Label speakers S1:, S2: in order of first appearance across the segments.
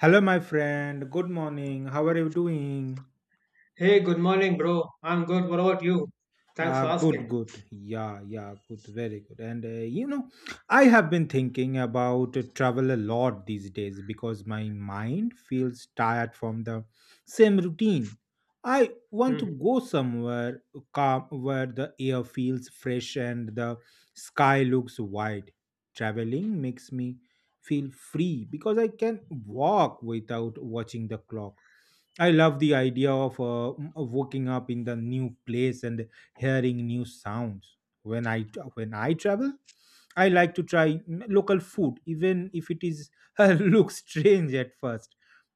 S1: Hello, my friend. Good morning. How are you doing?
S2: Hey, good morning, bro. I'm good. What about you? Thanks for
S1: Good,
S2: asking.
S1: good. Yeah, yeah, good. Very good. And you know, I have been thinking about travel a lot these days because my mind feels tired from the same routine. I want to
S2: Mhm.
S1: go somewhere calm where the air feels fresh and the sky looks wide. Traveling makes me feel free because I can walk without watching the clock. I love the idea of of waking up in the new place and hearing new sounds. When I travel, I like to try local food, even if it is looks strange at first.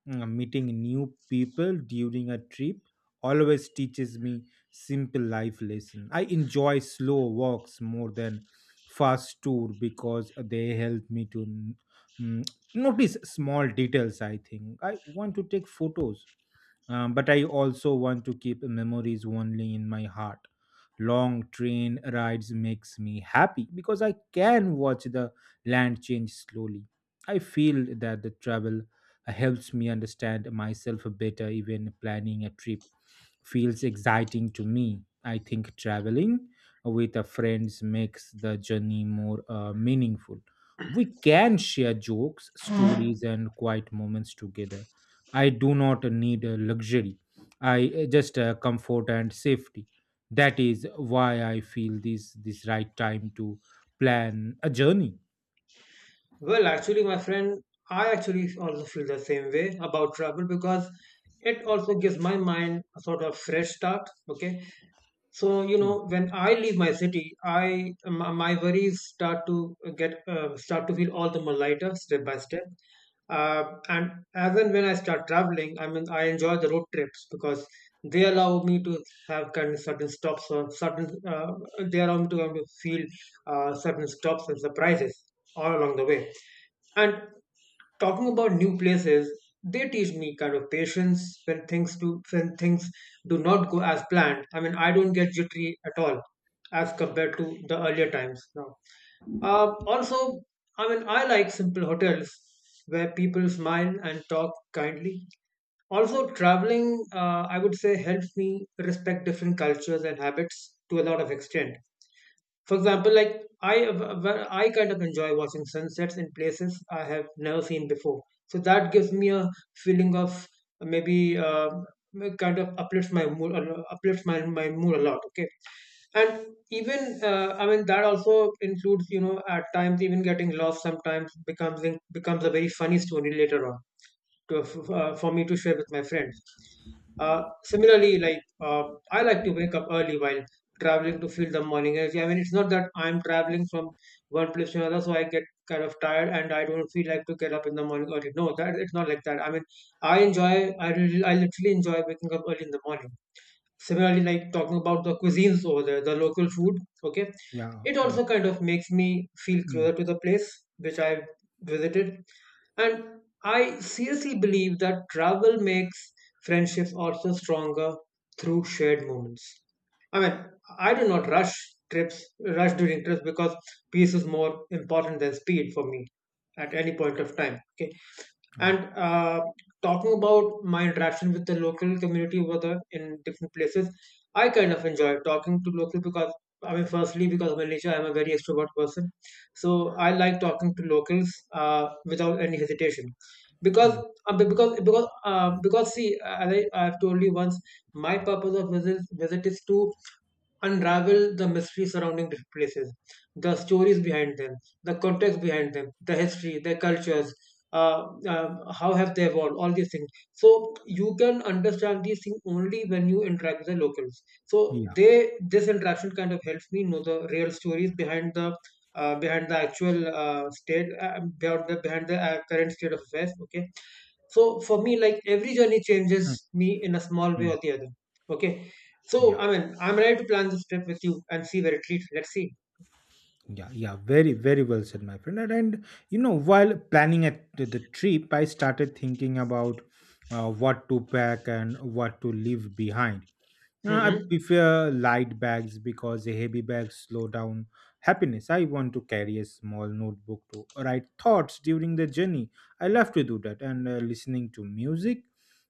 S1: Meeting new people during a trip always teaches me simple life lesson. I enjoy slow walks more than fast tour because they help me to mm, notice small details. I think I want to take photos, but I also want to keep memories only in my heart. Long train rides makes me happy because I can watch the land change slowly. I feel that the travel helps me understand myself better. Even planning a trip feels exciting to me. I think traveling with a friends makes the journey more meaningful. We can share jokes, stories and quiet moments together. I do not need a luxury. I just comfort and safety. That is why I feel this right time to plan a journey.
S2: Well, actually, my friend, I actually also feel the same way about travel because it also gives my mind a sort of fresh start. Okay. So,
S1: Mm,
S2: when I leave my city, my worries start to feel all the more lighter step by step. And as and when I start traveling, I mean, I enjoy the road trips because they allow me to have kind of certain stops or certain they allow me to kind of feel certain stops and surprises all along the way. And talking about new places, they teach me kind of patience when things do not go as planned. I mean, I don't get jittery at all as compared to the earlier times now. Also, I mean, I like simple hotels where people smile and talk kindly. Also traveling, I would say, helps me respect different cultures and habits to a lot of extent. For example, where I kind of enjoy watching sunsets in places I have never seen before. So that gives me a feeling of, maybe, kind of uplifts my mood a lot. Okay, and even, I mean, that also includes, at times, even getting lost sometimes becomes a very funny story later on, to for me to share with my friends. Similarly, like, I like to wake up early while traveling to feel the morning energy. I mean, it's not that I'm traveling from one place to another, so I get kind of tired and I don't feel like to get up in the morning early. No, that it's not like that. I mean, I literally enjoy waking up early in the morning. Similarly, like, talking about the cuisines over there, the local food. Okay,
S1: yeah.
S2: it
S1: Oh,
S2: also kind of makes me feel closer
S1: mm,
S2: to the place which I visited, and I seriously believe that travel makes friendships also stronger through shared moments. I mean, I do not rush during trips, because peace is more important than speed for me at any point of time. Okay.
S1: oh,
S2: And talking about my interaction with the local community over the in different places, I kind of enjoy talking to local, because, I mean, firstly, because by nature I'm a very extrovert person, so I like talking to locals without any hesitation, because,
S1: mm,
S2: because see, as I've told you once, my purpose of visit is to unravel the mystery surrounding these places, the stories behind them, the context behind them, the history, their cultures, how have they evolved, all these things. So you can understand these things only when you interact with the locals. So
S1: yeah.
S2: they this interaction kind of helps me know the real stories behind the behind the current state of affairs. Okay, so for me, like, every journey
S1: Mm,
S2: changes me in a small way
S1: mm,
S2: or the other. Okay, so,
S1: yeah.
S2: I mean, I'm ready to plan this trip with you and see where it leads. Let's see.
S1: Yeah, yeah, very, very well said, my friend. And you know, while planning at the trip, I started thinking about what to pack and what to leave behind. I
S2: Mm-hmm.
S1: prefer light bags because heavy bags slow down happiness. I want to carry a small notebook to write thoughts during the journey. I love to do that, and listening to music,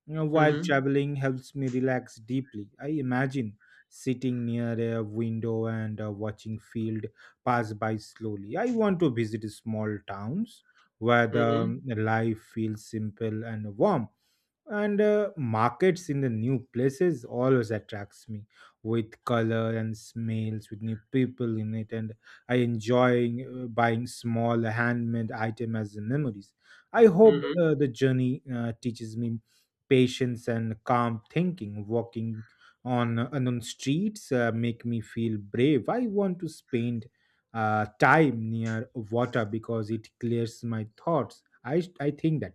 S1: you know, while
S2: Mm-hmm.
S1: traveling helps me relax deeply. I imagine sitting near a window and watching field pass by slowly. I want to visit small towns where the
S2: Mm-hmm.
S1: life feels simple and warm, and markets in the new places always attracts me with color and smells with new people in it. And I enjoy buying small handmade item as memories. I hope
S2: Mm-hmm.
S1: the journey teaches me patience and calm thinking. Walking on and on streets make me feel brave. I want to spend time near water because it clears my thoughts. I think that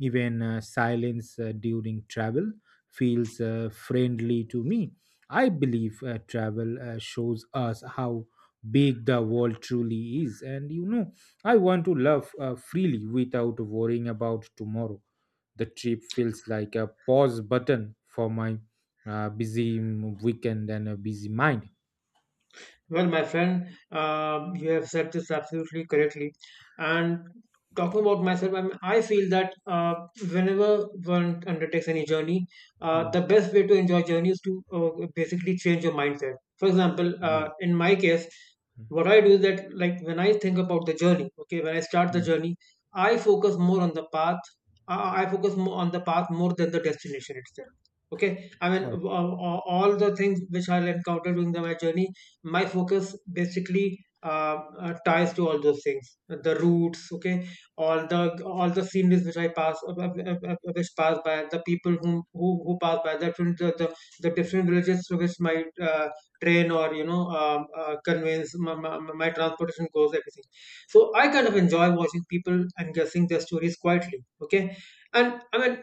S1: even silence during travel feels friendly to me. I believe travel shows us how big the world truly is. And you know, I want to love freely without worrying about tomorrow. The trip feels like a pause button for my busy weekend and a busy mind.
S2: Well, my friend, you have said this absolutely correctly. And talking about myself, I mean, I feel that, whenever one undertakes any journey,
S1: Mm,
S2: the best way to enjoy journey is to basically change your mindset. For example,
S1: yeah.
S2: in my case,
S1: Mm,
S2: what I do is that, like, when I think about the journey, okay, when I start the
S1: mm.
S2: journey, I focus more on the path. I focus more on the path more than the destination itself. Okay, I mean,
S1: Oh.
S2: all the things which I'll encounter during my journey, my focus basically ties to all those things, the routes. Okay, all the sceneries which pass by, the people who pass by, the different villages through which my, train, or, conveyance, my transportation goes, everything. So I kind of enjoy watching people and guessing their stories quietly. Okay. And, I mean,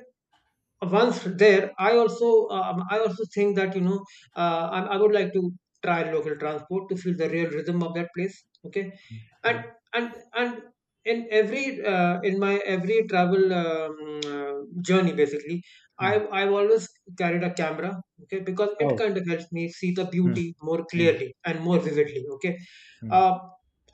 S2: once there, I also think that, I would like to try local transport to feel the real rhythm of that place. Okay, and
S1: Mm,
S2: and and in every in my every travel, journey basically, i
S1: mm.
S2: i've always carried a camera. Okay, because it
S1: Oh.
S2: kind of helps me see the
S1: Mm,
S2: beauty more
S1: mm,
S2: clearly and more vividly. Okay,
S1: mm,
S2: uh,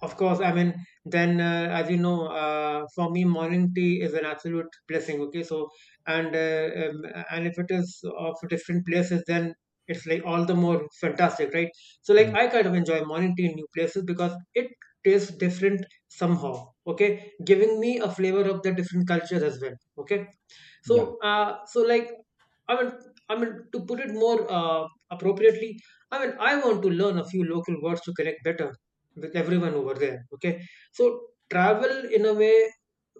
S2: of course, I mean, then, as you know, for me, morning tea is an absolute blessing. Okay, so and uh, um, and if it is of different places, then it's like all the more fantastic, right? So, like,
S1: mm.
S2: I kind of enjoy morning tea in new places, because it tastes different somehow. Okay, giving me a flavor of the different cultures as well. Okay,
S1: Yeah.
S2: like, i mean i mean, to put it more, appropriately, I mean, I want to learn a few local words to connect better with everyone over there. Okay, so travel, in a way,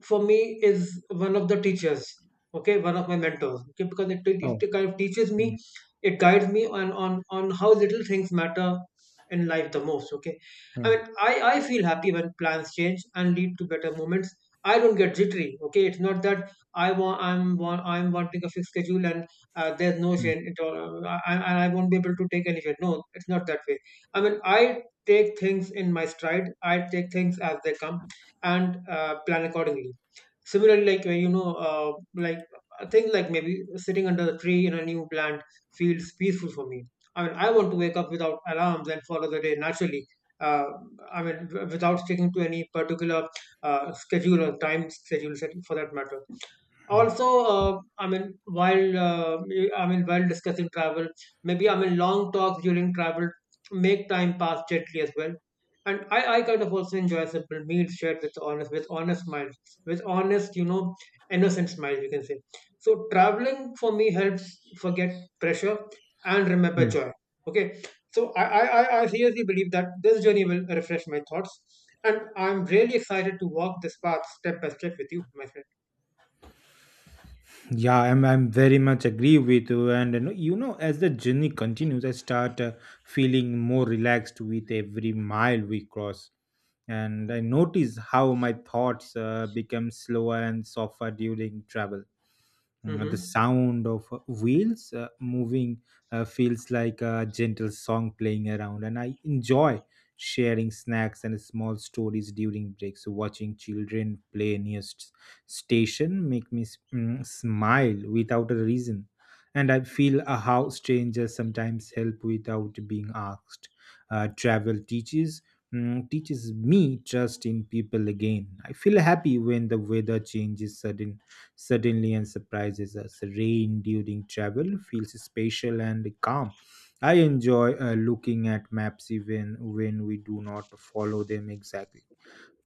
S2: for me, is one of the teachers. Okay, one of my mentors. Okay, because it, it,
S1: Oh.
S2: it kind of teaches
S1: Mm,
S2: me, it guides me on how little things matter in life the most. Okay, I mean,
S1: mm,
S2: I feel happy when plans change and lead to better moments. I don't get jittery. Okay, it's not that I'm wanting a fixed schedule, and there's no
S1: mm,
S2: change at all. And I won't be able to take any change. No, it's not that way. I mean, I take things in my stride. I take things as they come, and plan accordingly. Similarly, like, like, I think, like, maybe sitting under a tree in a new plant feels peaceful for me. I mean, I want to wake up without alarms and follow the day naturally. Uh, I mean, without sticking to any particular, schedule, or for that matter. Also, I mean, while discussing travel, maybe, I mean, long talks during travel make time pass gently as well. And I kind of also enjoy simple meals shared with honest, with honest smiles, with honest, innocent smiles, you can say. So traveling, for me, helps forget pressure and remember
S1: mm.
S2: joy. Okay, so I seriously believe that this journey will refresh my thoughts, and I'm really excited to walk this path step by step with you, my friend.
S1: Yeah, I'm very much agree with you. And you know, as the journey continues, I start feeling more relaxed with every mile we cross. And I notice how my thoughts become slower and softer during travel. The
S2: Hmm.
S1: sound of wheels moving feels like a gentle song playing around. And I enjoy sharing snacks and small stories during breaks, watching children play near station make me smile without a reason. And I feel how strangers sometimes help without being asked. Travel teaches teaches me trust in people again. I feel happy when the weather changes suddenly and surprises us. Rain during travel feels spatial and calm. I enjoy looking at maps even when we do not follow them exactly.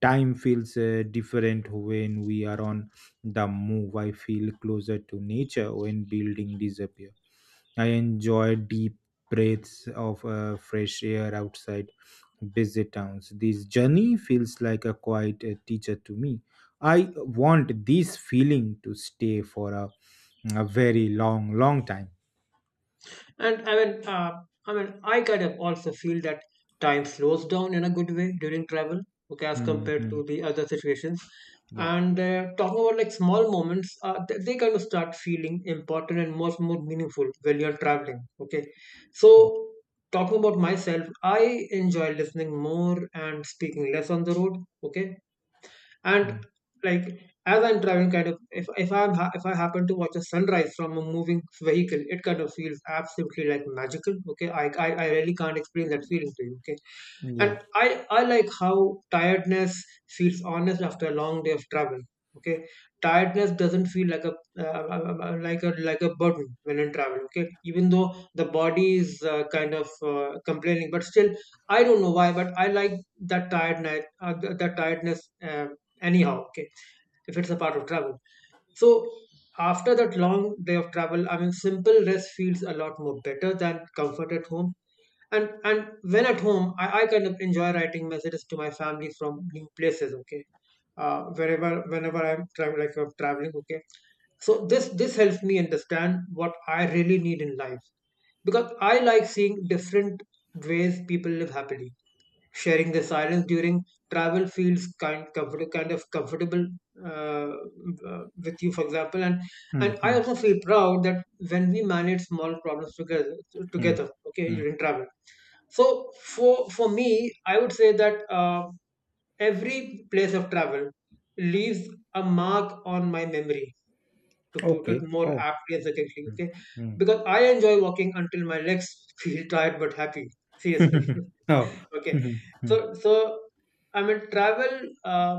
S1: Time feels different when we are on the move. I feel closer to nature when buildings disappear. I enjoy deep breaths of fresh air outside busy towns. This journey feels like a quiet teacher to me. I want this feeling to stay for a very long, long time.
S2: And I mean, I kind of also feel that time slows down in a good way during travel, okay, as
S1: Hmm,
S2: compared
S1: hmm,
S2: to the other situations.
S1: yeah.
S2: And talking about, like, small moments, they kind of start feeling important and much more meaningful when you're traveling. Okay,
S1: Hmm,
S2: so talking about myself, I enjoy listening more and speaking less on the road. Okay, and,
S1: hmm.
S2: like, as I'm driving, kind of, if I happen to watch a sunrise from a moving vehicle, it kind of feels absolutely, like, magical. Okay, I really can't explain that feeling to you. Okay,
S1: Yeah.
S2: and I like how tiredness feels honest after a long day of travel. Okay, tiredness doesn't feel like a like a like a burden when in travel. Okay, even though the body is, kind of, complaining, but still, I don't know why, but I like that tiredness, uh, anyhow. Okay, if it's a part of travel, so after that long day of travel, I mean, simple rest feels a lot more better than comfort at home. And when at home, I kind of enjoy writing messages to my family from new places. Okay, wherever, whenever I'm traveling, like, I'm traveling. Okay, so this helps me understand what I really need in life, because I like seeing different ways people live happily. Sharing the silence during travel feels, kind of comfortable, uh, with you, for example. and
S1: Hmm,
S2: and I
S1: hmm,
S2: also feel proud that when we manage small problems together
S1: hmm,
S2: together okay,
S1: hmm.
S2: during travel. So, for me, I would say that, every place of travel leaves a mark on my memory, to put it
S1: Okay.
S2: more
S1: Oh.
S2: aptly and succinctly.
S1: Hmm,
S2: Okay,
S1: hmm.
S2: because I enjoy walking until my legs feel tired but happy, seriously.
S1: oh.
S2: Okay.
S1: hmm,
S2: So, I mean, travel,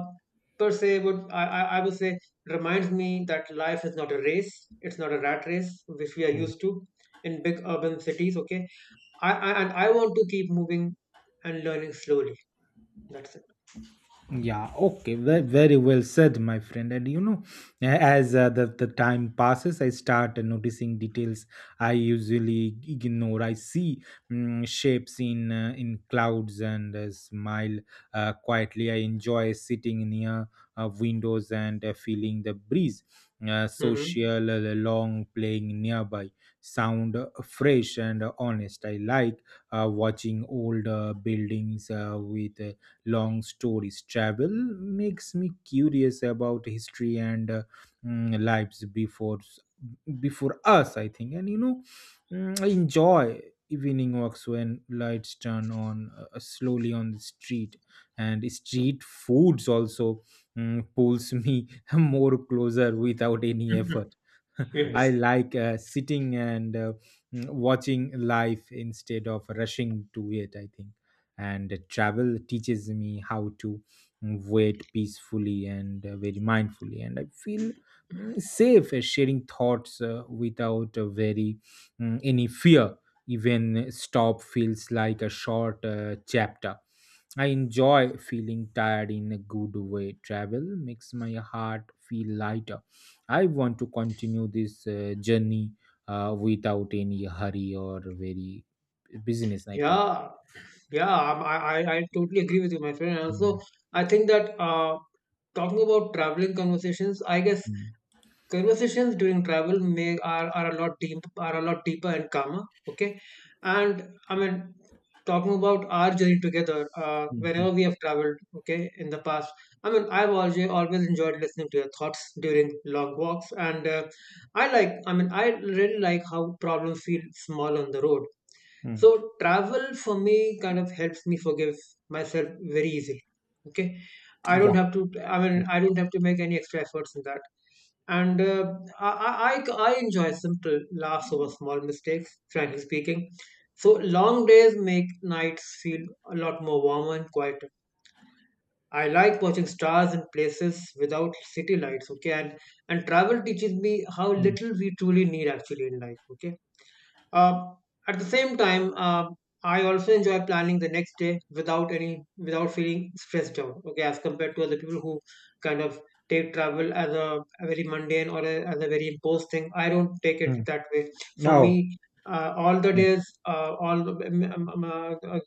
S2: per se, would, I would say, reminds me that life is not a race. It's not a rat race which we are
S1: hmm.
S2: used to in big urban cities. Okay. I and I want to keep moving and learning slowly. That's it.
S1: Yeah, okay, very, very well said, my friend. And you know, as the time passes, I start noticing details I usually ignore. I see shapes in clouds and smile quietly. I enjoy sitting near windows and feeling the breeze.
S2: Hmm.
S1: Social, long playing nearby, sound fresh and honest. I like watching old buildings with. Long stories. Travel makes me curious about history and lives before us, I think. And you know, I enjoy evening walks when lights turn on slowly on the street, and street foods also pulls me more closer without any effort. I
S2: Yes.
S1: like sitting and watching life instead of rushing to it, I think. And travel teaches me how to wait peacefully and very mindfully. And I feel safe sharing thoughts without any fear. Even stop feels like a short chapter. I enjoy feeling tired in a good way. Travel makes my heart feel lighter. I want to continue this journey without any hurry or very business, I think.
S2: Yeah. Yeah, I totally agree with you, my friend. And also,
S1: Mm,
S2: I think that talking about traveling conversations, I guess
S1: mm.
S2: conversations during travel may are a lot deep are a lot deeper and calmer. Okay. And I mean talking about our journey together
S1: Mhm,
S2: whenever we have traveled, okay, in the past. I mean, I've always enjoyed listening to your thoughts during long walks, and I really like how problems feel small on the road. So
S1: mm.
S2: travel for me kind of helps me forgive myself very easily. Okay,
S1: Yeah.
S2: I mean, I don't have to make any extra efforts in that. And I enjoy simple laughs over small mistakes. Frankly speaking, so long days make nights feel a lot more warmer and quieter. I like watching stars in places without city lights. Okay, and travel teaches me how
S1: Mm,
S2: little we truly need actually in life. Okay. uh, at the same time, I also enjoy planning the next day without any without feeling stressed out. Okay, as compared to other people who kind of take travel as a very mundane or as a very imposed thing. I don't take it
S1: mm.
S2: that way. For
S1: No.
S2: me, all the days, all the-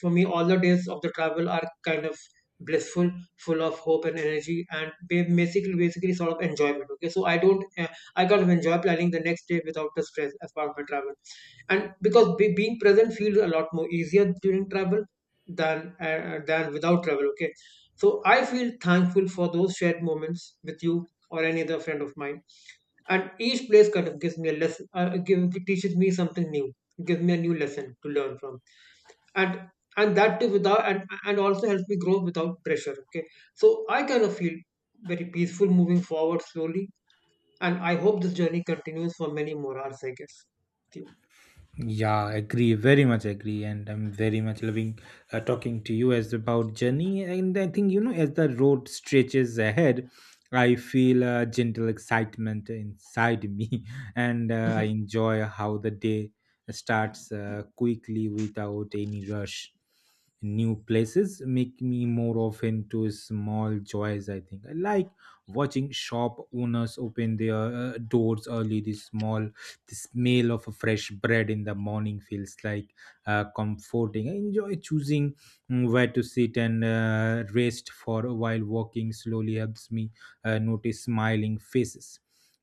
S2: for me, all the days of the travel are kind of blissful, full of hope and energy, and basically sort of enjoyment. Okay, so I don't I kind of enjoy planning the next day without the stress as part of my travel. And because being present feels a lot more easier during travel than without travel. Okay, so I feel thankful for those shared moments with you or any other friend of mine. And each place kind of gives me a lesson, teaches me something new, gives me a new lesson to learn from. And and that too without. And also helps me grow without pressure. Okay, so I kind of feel very peaceful moving forward slowly, and I hope this journey continues for many more hours, I guess. Okay.
S1: Yeah, agree. Very much agree, and I'm very much loving talking to you as about journey. And I think, you know, as the road stretches ahead, I feel a gentle excitement inside me, and I
S2: Mhm.
S1: enjoy how the day starts quickly without any rush. New places make me more often to small joys. I think I like watching shop owners open their doors early. This small the smell of a fresh bread in the morning feels like comforting. I enjoy choosing where to sit and rest for a while. Walking slowly helps me notice smiling faces.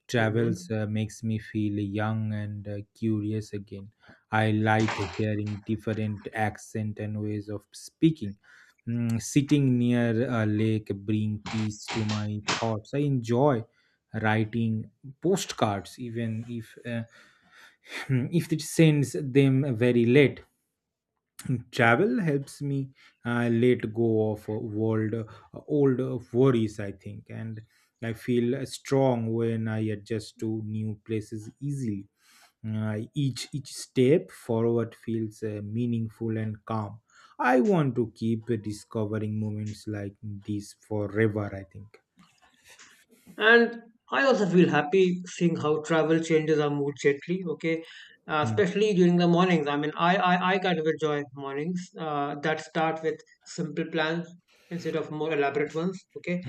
S1: Travels
S2: Mhm.
S1: makes me feel young and curious again. I like hearing different accent and ways of speaking. Sitting near a lake bring peace to my thoughts. I enjoy writing postcards even if if it sends them very late. Travel helps me let go of world old worries, I think. And I feel strong when I adjust to new places easily. Each step forward feels meaningful and calm. I want to keep discovering moments like this forever, I think.
S2: And I also feel happy seeing how travel changes our mood gently. Okay,
S1: Hmm.
S2: especially during the mornings. I mean, I kind of enjoy mornings that start with simple plans instead of more elaborate ones. Okay,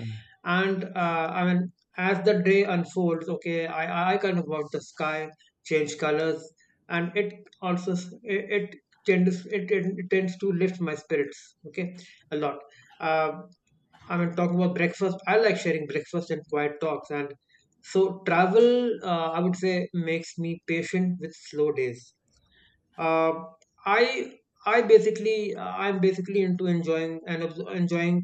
S2: and I mean, as the day unfolds, okay, I kind of watch the sky change colors, and it also s- it. It tends it, it, it tends to lift my spirits. Okay, a lot. Um I mean, talking about breakfast. I like sharing breakfast and quiet talks. And so, travel, I would say, makes me patient with slow days. Uh, i i basically i'm basically into enjoying and enjoying,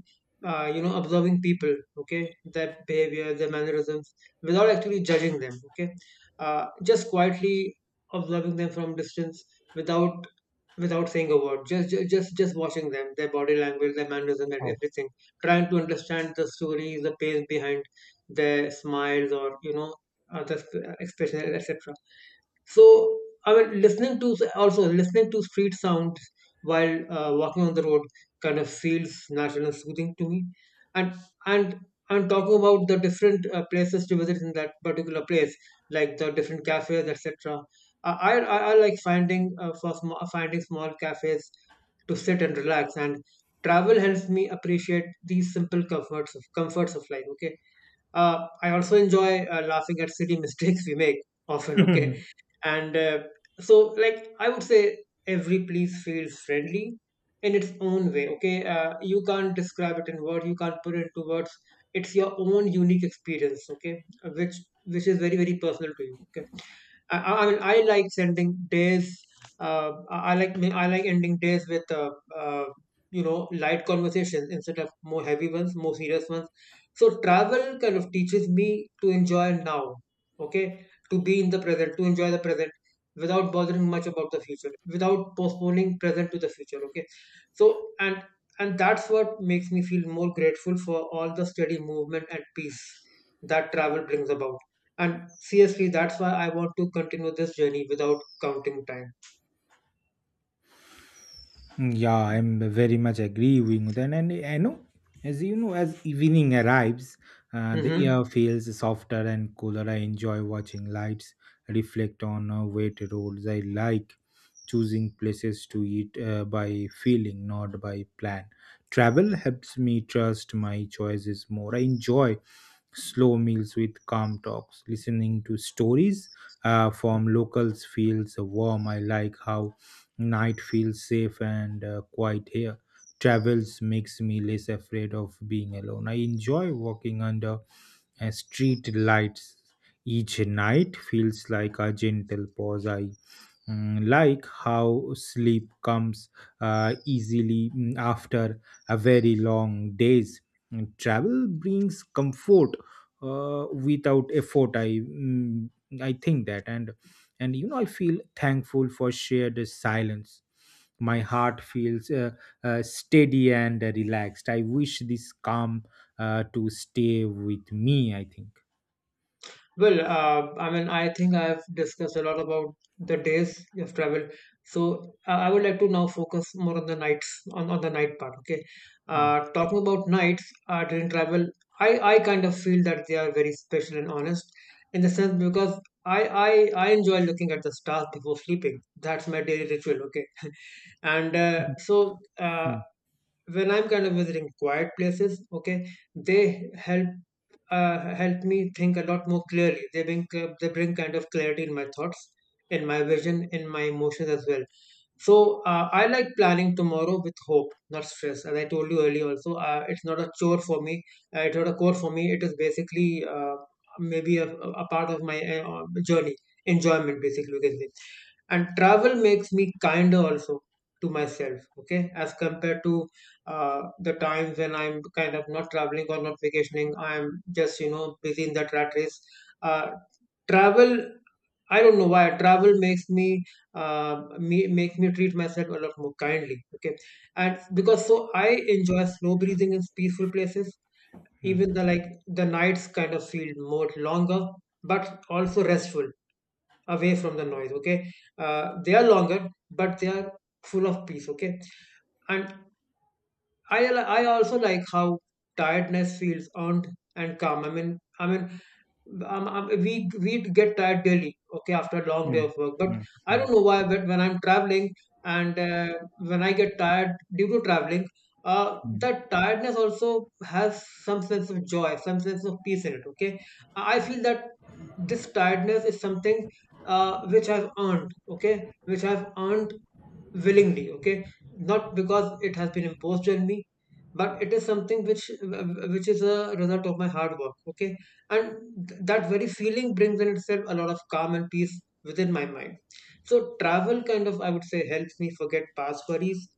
S2: you know, observing people, okay, their behavior, their mannerisms, without actually judging them, okay, just quietly observing them from distance, without, without saying a word, just ju- just watching them, their body language, their mannerism and
S1: Oh.
S2: everything, trying to understand the story, the pain behind their smiles, or you know, the expression, etc. So I mean, listening to, also listening to street sounds while walking on the road kind of feels natural and soothing to me. And and and talking about the different places to visit in that particular place, like the different cafes, etc. I like finding finding small cafes to sit and relax. And travel helps me appreciate these simple comforts of life, okay. I also enjoy laughing at silly mistakes we make often, okay? And so, like, I would say every place feels friendly in its own way, okay? You can't describe it in words, you can't put it into words. It's your own unique experience, okay? Which is very, very personal to you, okay? I mean, I like sending days. I like ending days with you know, light conversations instead of more heavy ones, more serious ones. So travel kind of teaches me to enjoy now, okay? To be in the present, to enjoy the present without bothering much about the future, without postponing present to the future, okay? So and that's what makes me feel more grateful for all the steady movement and peace that travel brings about. And seriously, that's why I want to continue this journey without counting time.
S1: Yeah, I'm very much agreeing with that. And I know, as you know, as evening arrives, the
S2: Hmm.
S1: air feels softer and cooler. I enjoy watching lights reflect on wet roads. I like choosing places to eat by feeling, not by plan. Travel helps me trust my choices more. I enjoy slow meals with calm talks. Listening to stories from locals feels warm. I like how night feels safe and quiet here. Travels makes me less afraid of being alone. I enjoy walking under street lights. Each night feels like a gentle pause. I like how sleep comes easily after a very long day's travel brings comfort without effort. I think that. And you know, I feel thankful for shared silence. My heart feels steady and relaxed. I wish this calm to stay with me, I think.
S2: Well, I mean, I think I've discussed a lot about the days of travel. So I would like to now focus more on the nights, on the night part. Okay.
S1: Hmm.
S2: Talking about nights during travel, I kind of feel that they are very special and honest in the sense because I enjoy looking at the stars before sleeping. That's my daily ritual. Okay. And
S1: Hmm. Hmm.
S2: when I'm kind of visiting quiet places, okay, they help, help me think a lot more clearly. They bring, they bring kind of clarity in my thoughts, in my vision, in my emotions as well. So I like planning tomorrow with hope, not stress, as I told you earlier also. It's not a chore for me, it's not a core for me. It is basically maybe a part of my journey enjoyment, basically, you can say. And travel makes me kinder also to myself, okay, as compared to the times when I'm kind of not traveling or not vacationing. I'm just, you know, busy in that rat race. Uh, travel I don't know why travel makes uh, me treat myself a lot more kindly, okay. And because, so I enjoy slow breathing in peaceful places.
S1: Hmm.
S2: Even the nights kind of feel more longer, but also restful, away from the noise, okay. Uh, they are longer, but they are full of peace, okay. And i I also like how tiredness feels earned and calm. I mean, we get tired daily, okay, after a long day
S1: Hmm.
S2: of work. But I
S1: Hmm.
S2: don't know why, but when I'm traveling and when I get tired due to traveling,
S1: Hmm.
S2: that tiredness also has some sense of joy, some sense of peace in it, okay. I feel that this tiredness is something which I've earned, okay, which I've earned willingly, okay, not because it has been imposed on me, but it is something which is a result of my hard work, okay. And that very feeling brings in itself a lot of calm and peace within my mind. So travel kind of, I would say, helps me forget past worries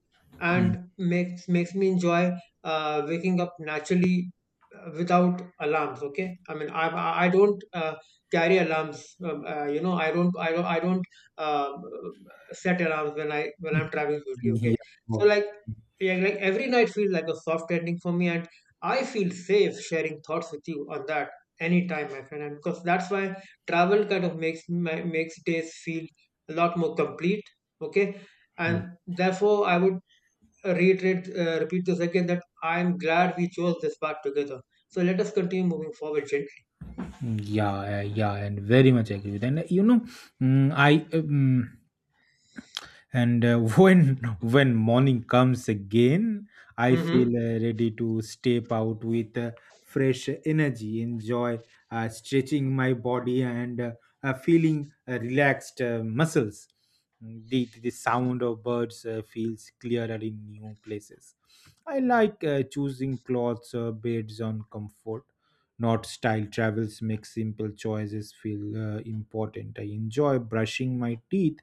S1: Hmm.
S2: and makes me enjoy waking up naturally, without alarms, okay. I mean, I don't, carry alarms. You know, I don't I don't I don't uh, set alarms when I'm traveling usually. Okay,
S1: Yeah.
S2: so
S1: Mhm.
S2: like, yeah, like every night feels like a soft ending for me, and I feel safe sharing thoughts with you on that anytime, my friend. And because that's why travel kind of makes days feel a lot more complete. Okay, and therefore I would reiterate, repeat this again that I'm glad we chose this path together. So let us continue moving forward gently.
S1: Yeah, yeah, and very much agree with. And you know, mm, I and when morning comes again, I feel
S2: Mhm.
S1: ready to step out with fresh energy. Enjoy stretching my body and feeling relaxed muscles. The sound of birds feels clearer in new places. I like choosing clothes beds on comfort, not style. Travels make simple choices feel important. I enjoy brushing my teeth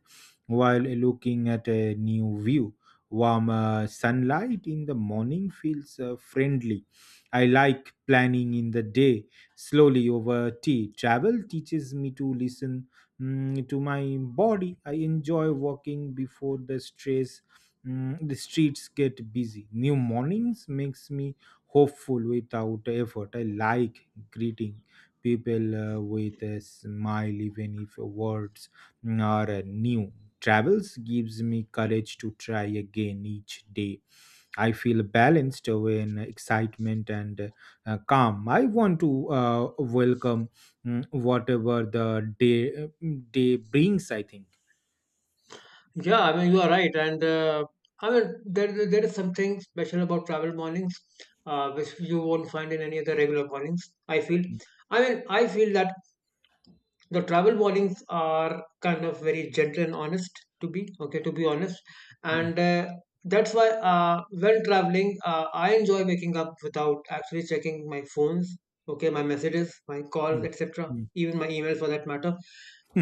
S1: while looking at a new view. Warm sunlight in the morning feels friendly. I like planning in the day slowly over tea. Travel teaches me to listen to my body. I enjoy walking before the stress. The streets get busy. New mornings makes me hopeful without effort. I like greeting people with a smile, even if words or new. Travels gives me courage to try again each day. I feel balanced when excitement and calm. I want to welcome whatever the day day brings, I think.
S2: Yeah, I mean, you are right. And I mean, there is something special about travel mornings, which you won't find in any other regular mornings, I feel. I mean, I feel that the travel warnings are kind of very gentle and honest to be, okay, to be honest.
S1: Mm,
S2: And that's why, when traveling, I enjoy waking up without actually checking my phones, okay, my messages, my calls,
S1: mm,
S2: etc.,
S1: mm.
S2: even my emails for that matter,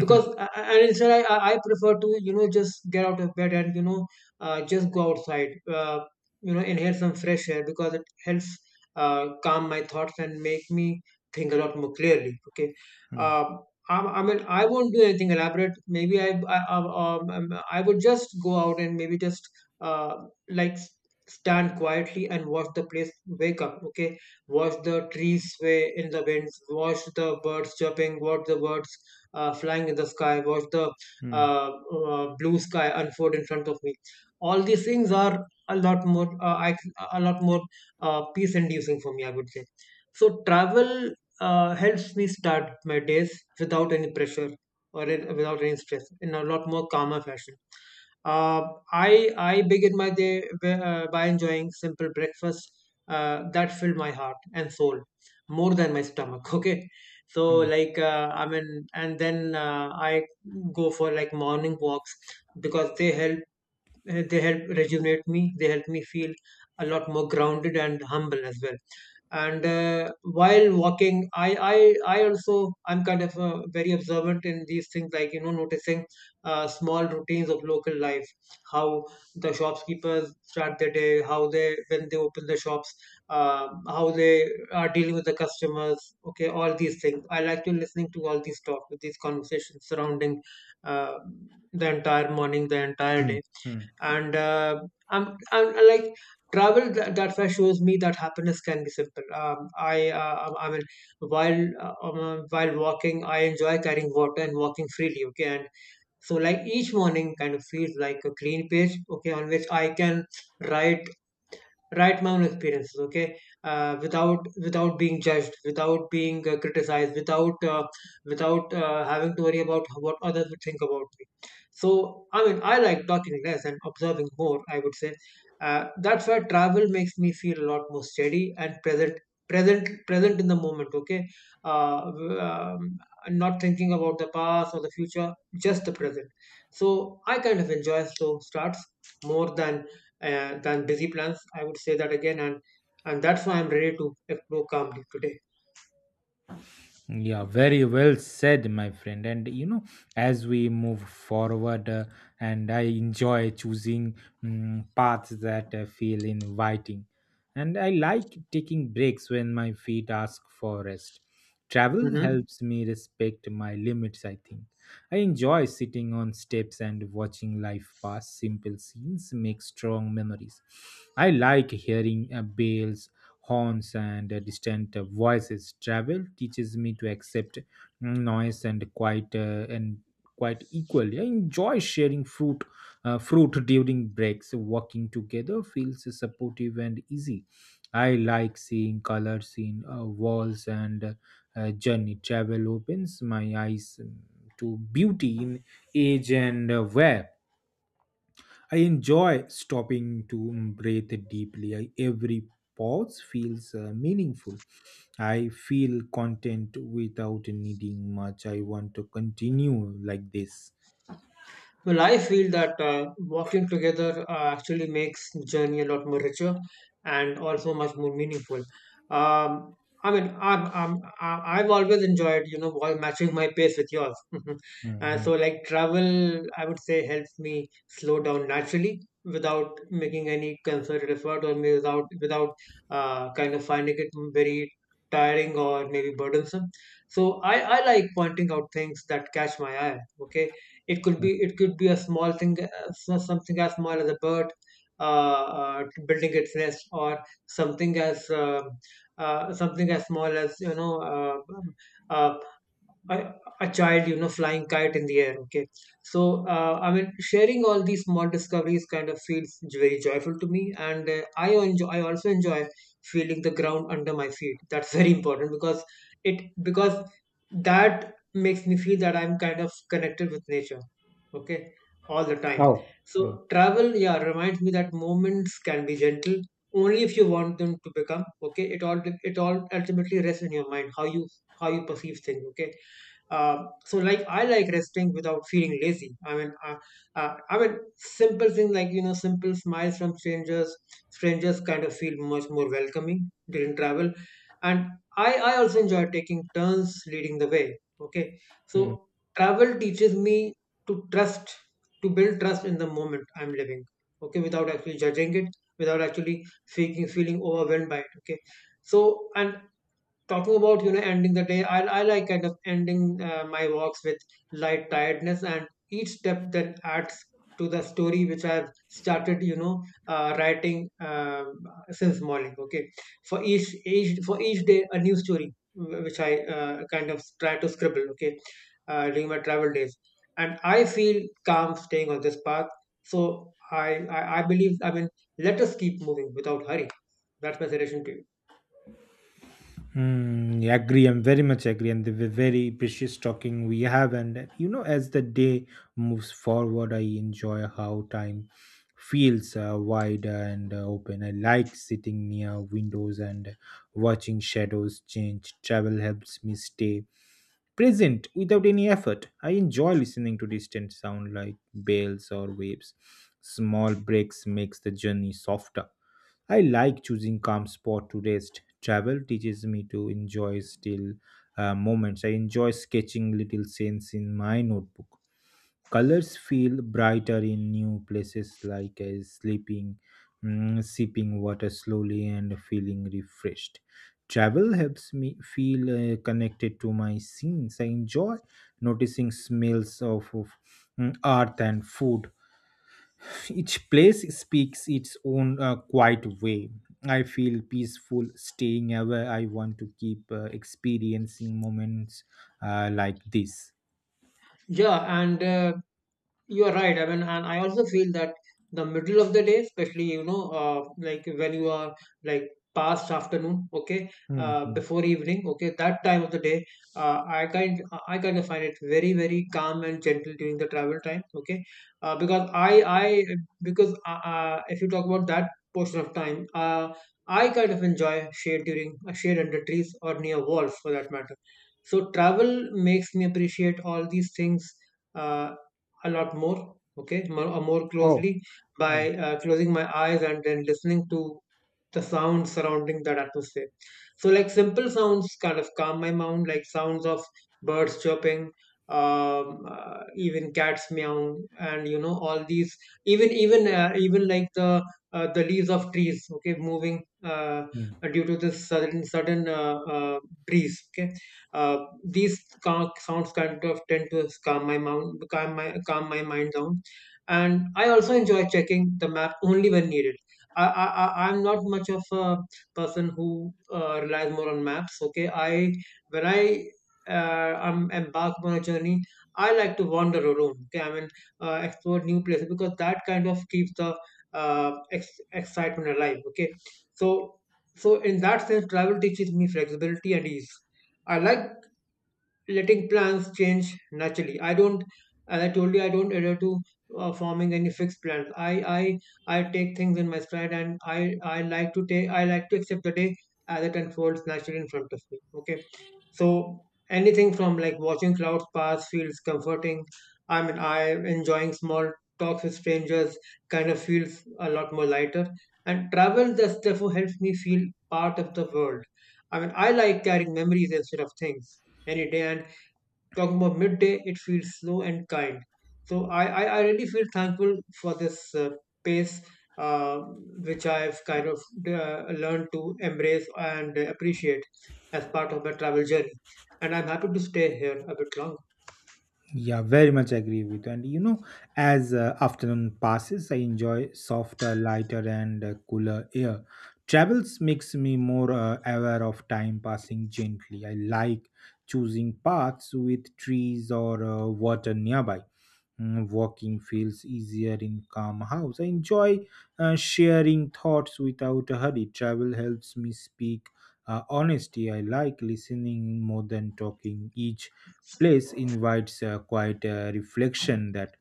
S2: because a- a- and instead I prefer to, you know, just get out of bed and, you know, just go outside, uh, you know, inhale some fresh air because it helps calm my thoughts and make me think a lot more clearly, okay.
S1: Hmm,
S2: Uh, I, I mean, I won't do anything elaborate. Maybe I would just go out and maybe just uh, like s- stand quietly and watch the place wake up. Okay, watch the trees sway in the winds, watch the birds chirping, watch the birds flying in the sky, watch the
S1: hmm,
S2: uh, blue sky unfold in front of me. All these things are a lot more, a lot more peace-inducing for me, I would say. So travel helps me start my days without any pressure without any stress in a lot more calmer fashion. Uh, I begin my day by enjoying simple breakfast that fill my heart and soul more than my stomach. Okay, so
S1: hmm,
S2: like I mean, and then I go for like morning walks because they help rejuvenate me. They help me feel a lot more grounded and humble as well. And while walking, I also I'm kind of very observant in these things, like you know, noticing small routines of local life, how the shopkeepers start their day, how they when they open the shops, how they are dealing with the customers. Okay, all these things. I like to listening to all these talk, these conversations surrounding uh, the entire morning, the entire
S1: hmm, hmm,
S2: day
S1: hmm.
S2: and I'm like travel that way shows me that happiness can be simple. Um, I mean while While walking, I enjoy carrying water and walking freely, okay? And so, like, each morning kind of feels like a clean page, okay, on which I can write write my own experiences, okay, without being judged, without being criticized, without without having to worry about what others would think about me. So I mean, I like talking less and observing more, I would say. uh, that's why travel makes me feel a lot more steady and present, present in the moment, okay? uh, w- um, Not thinking about the past or the future, just the present. So I kind of enjoy slow starts more than busy plans, I would say that again. And that's why I'm ready to explore calmly today.
S1: Yeah, very well said, my friend. And you know, as we move forward, and I enjoy choosing paths that feel inviting. And I like taking breaks when my feet ask for rest. Travel
S2: Hmm.
S1: helps me respect my limits, I think. I enjoy sitting on steps and watching life pass. Simple scenes make strong memories. I like hearing bells, horns and distant voices. Travel teaches me to accept noise and quite equally. I enjoy sharing fruit during breaks. Walking together feels supportive and easy. I like seeing colors in walls and journey. Travel opens my eyes to beauty in age and wear. I enjoy stopping to breathe deeply. Every pause feels meaningful. I feel content without needing much. I want to continue like this.
S2: Well, I feel that walking together actually makes the journey a lot more richer and also much more meaningful. Um, I've always enjoyed, you know, while matching my pace with yours.
S1: Mm,
S2: So,
S1: mm,
S2: like, travel, I would say, helps me slow down naturally without making any concerted effort, or maybe without kind of finding it very tiring or maybe burdensome. So, I like pointing out things that catch my eye, okay? It could
S1: mm.
S2: be it could be a small thing, so- something as small as a bird building its nest, or something as something as small as, you know uh, a, a child, you know, flying kite in the air. Okay, so I mean, sharing all these small discoveries kind of feels very joyful to me, and I also enjoy feeling the ground under my feet. That's very important because it because that makes me feel that I'm kind of connected with nature. Okay, all the time.
S1: Oh. Mm,
S2: So travel, yeah, reminds me that moments can be gentle only if you want them to become. Okay, it all ultimately rests in your mind how you perceive things. Okay. So, like, I like resting without feeling lazy. I mean, simple thing like, you know, simple smiles from strangers. Strangers kind of feel much more welcoming during travel, and I also enjoy taking turns leading the way. Okay,
S1: mm.
S2: so travel teaches me to trust, to build trust in the moment I'm living. Okay, without actually judging it, without actually feeling overwhelmed by it. Okay, so and talking about, you know, ending the day, I like kind of ending my walks with light tiredness, and each step that adds to the story which I've started, you know, writing since morning, okay, for each day a new story which I kind of try to scribble, okay, during my travel days. And I feel calm staying on this path. So i I believe, I mean, let us keep moving without hurry. That's my suggestion to you.
S1: Hmm. Yeah, agree. I'm very much agree, and the very precious talking we have. And you know, as the day moves forward, I enjoy how time feels wide and open. I like sitting near windows and watching shadows change. Travel helps me stay present without any effort. I enjoy listening to distant sound like bells or waves. Small breaks makes the journey softer. I like choosing calm spot to rest. Travel teaches me to enjoy still moments. I enjoy sketching little scenes in my notebook. Colors feel brighter in new places like sleeping, sipping water slowly and feeling refreshed. Travel helps me feel connected to my scenes. I enjoy noticing smells of earth and food. Each place speaks its own quiet way. I feel peaceful staying away. I want to keep experiencing moments like this.
S2: Yeah, and you are right. I mean, and I also feel that the middle of the day, especially, you know, like when you are like past afternoon, okay,
S1: Hmm, hmm,
S2: before evening, okay, that time of the day, uh, I kind I kind of find it very very calm and gentle during the travel time, okay, because I because if you talk about that portion of time, I kind of enjoy shade during shade under trees or near walls for that matter. So travel makes me appreciate all these things uh, a lot more, okay, more, more
S1: oh,
S2: closely
S1: oh.
S2: by closing my eyes and then listening to the sounds surrounding that atmosphere. So, like, simple sounds kind of calm my mind, like sounds of birds chirping, even cats meowing, and you know, all these, even like the leaves of trees, okay, moving uh,
S1: Hmm.
S2: due to this sudden breeze, okay. uh, these ca- sounds kind of tend to calm my mind, calm my mind down. And I also enjoy checking the map only when needed. I'm not much of a person who relies more on maps, okay. I when I I'm embarked on a journey, I like to wander around, okay, I mean, explore new places because that kind of keeps the excitement alive, okay. So, so in that sense, travel teaches me flexibility and ease. I like letting plans change naturally. I don't, as I told you, I don't adhere to forming any fixed plans. I take things in my stride, and I like to accept the day as it unfolds naturally in front of me. Okay, so anything from like watching clouds pass feels comforting. I mean, I enjoying small talks with strangers kind of feels a lot more lighter. And travel just therefore helps me feel part of the world. I mean, I like carrying memories instead of things any day. And talking about midday, it feels slow and kind. So I really feel thankful for this pace, uh, which I've kind of learned to embrace and appreciate as part of my travel journey. And I'm happy to stay here a bit longer.
S1: Yeah, very much agree with you. And you know, as afternoon passes, I enjoy softer, lighter, and cooler air. Travels makes me more aware of time passing gently. I like choosing paths with trees or water nearby. Walking feels easier in calm house. I enjoy sharing thoughts without a hurry. Travel helps me speak honesty. I like listening more than talking. Each place invites a quiet quite a reflection that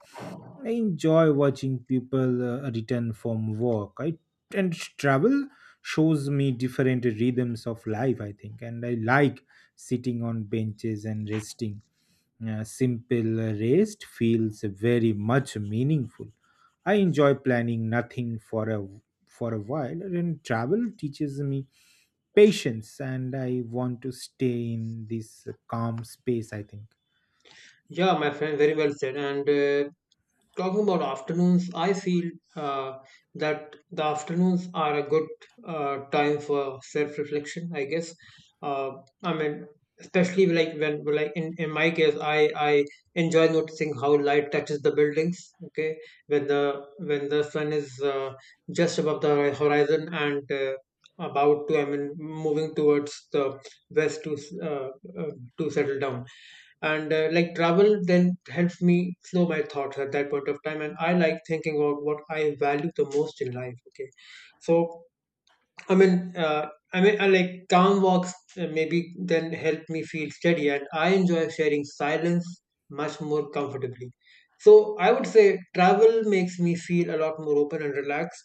S1: I enjoy watching people return from work. And travel shows me different rhythms of life, I think. And I like sitting on benches and resting. A simple rest feels very much meaningful. I enjoy planning nothing for a while, and travel teaches me patience, and I want to stay in this calm space, I think.
S2: Yeah, my friend, very well said. And talking about afternoons, I feel uh, that the afternoons are a good time for self-reflection, I guess. Uh, I mean, especially like when, like in my case, I enjoy noticing how light touches the buildings. Okay, when the sun is just above the horizon and about to, I mean, moving towards the west to uh, to settle down, and like travel then helps me slow my thoughts at that point of time. And I like thinking about what I value the most in life, okay. So I mean, I mean, I like calm walks maybe then help me feel steady, and I enjoy sharing silence much more comfortably. So I would say travel makes me feel a lot more open and relaxed,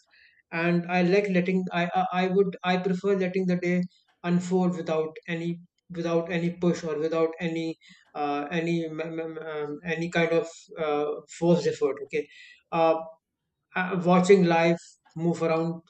S2: and I like letting I prefer letting the day unfold without any, without any push or without any any kind of uh, forced effort. Okay. uh, Watching life move around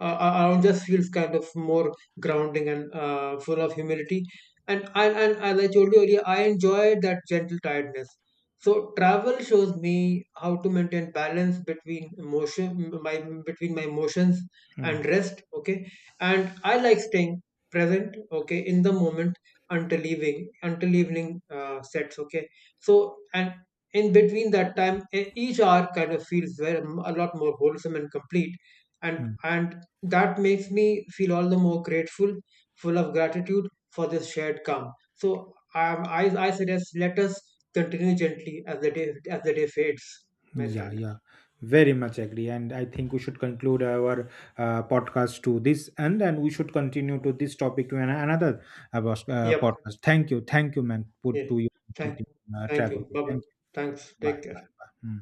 S2: uh, Arun just feels kind of more grounding and full of humility. And as I told you earlier, I enjoy that gentle tiredness. So travel shows me how to maintain balance between emotion, my between my emotions
S1: Hmm.
S2: and rest. Okay, and I like staying present. Okay, in the moment until evening sets. Okay, so and in between that time, each hour kind of feels very, a lot more wholesome and complete, and that makes me feel all the more grateful, full of gratitude for this shared calm. So I suggest, let us continue gently as the day, fades, my
S1: Yeah,
S2: friend.
S1: yeah, very much agree. And I think we should conclude our podcast to this, and then we should continue to this topic to another
S2: Yep.
S1: podcast. Thank you, man, put
S2: Yeah.
S1: to you, put
S2: Thank,
S1: in,
S2: thank
S1: traveling.
S2: you. Bye bye.
S1: Thank you.
S2: Thanks.
S1: Bye,
S2: Take care.
S1: bye, bye. Hmm.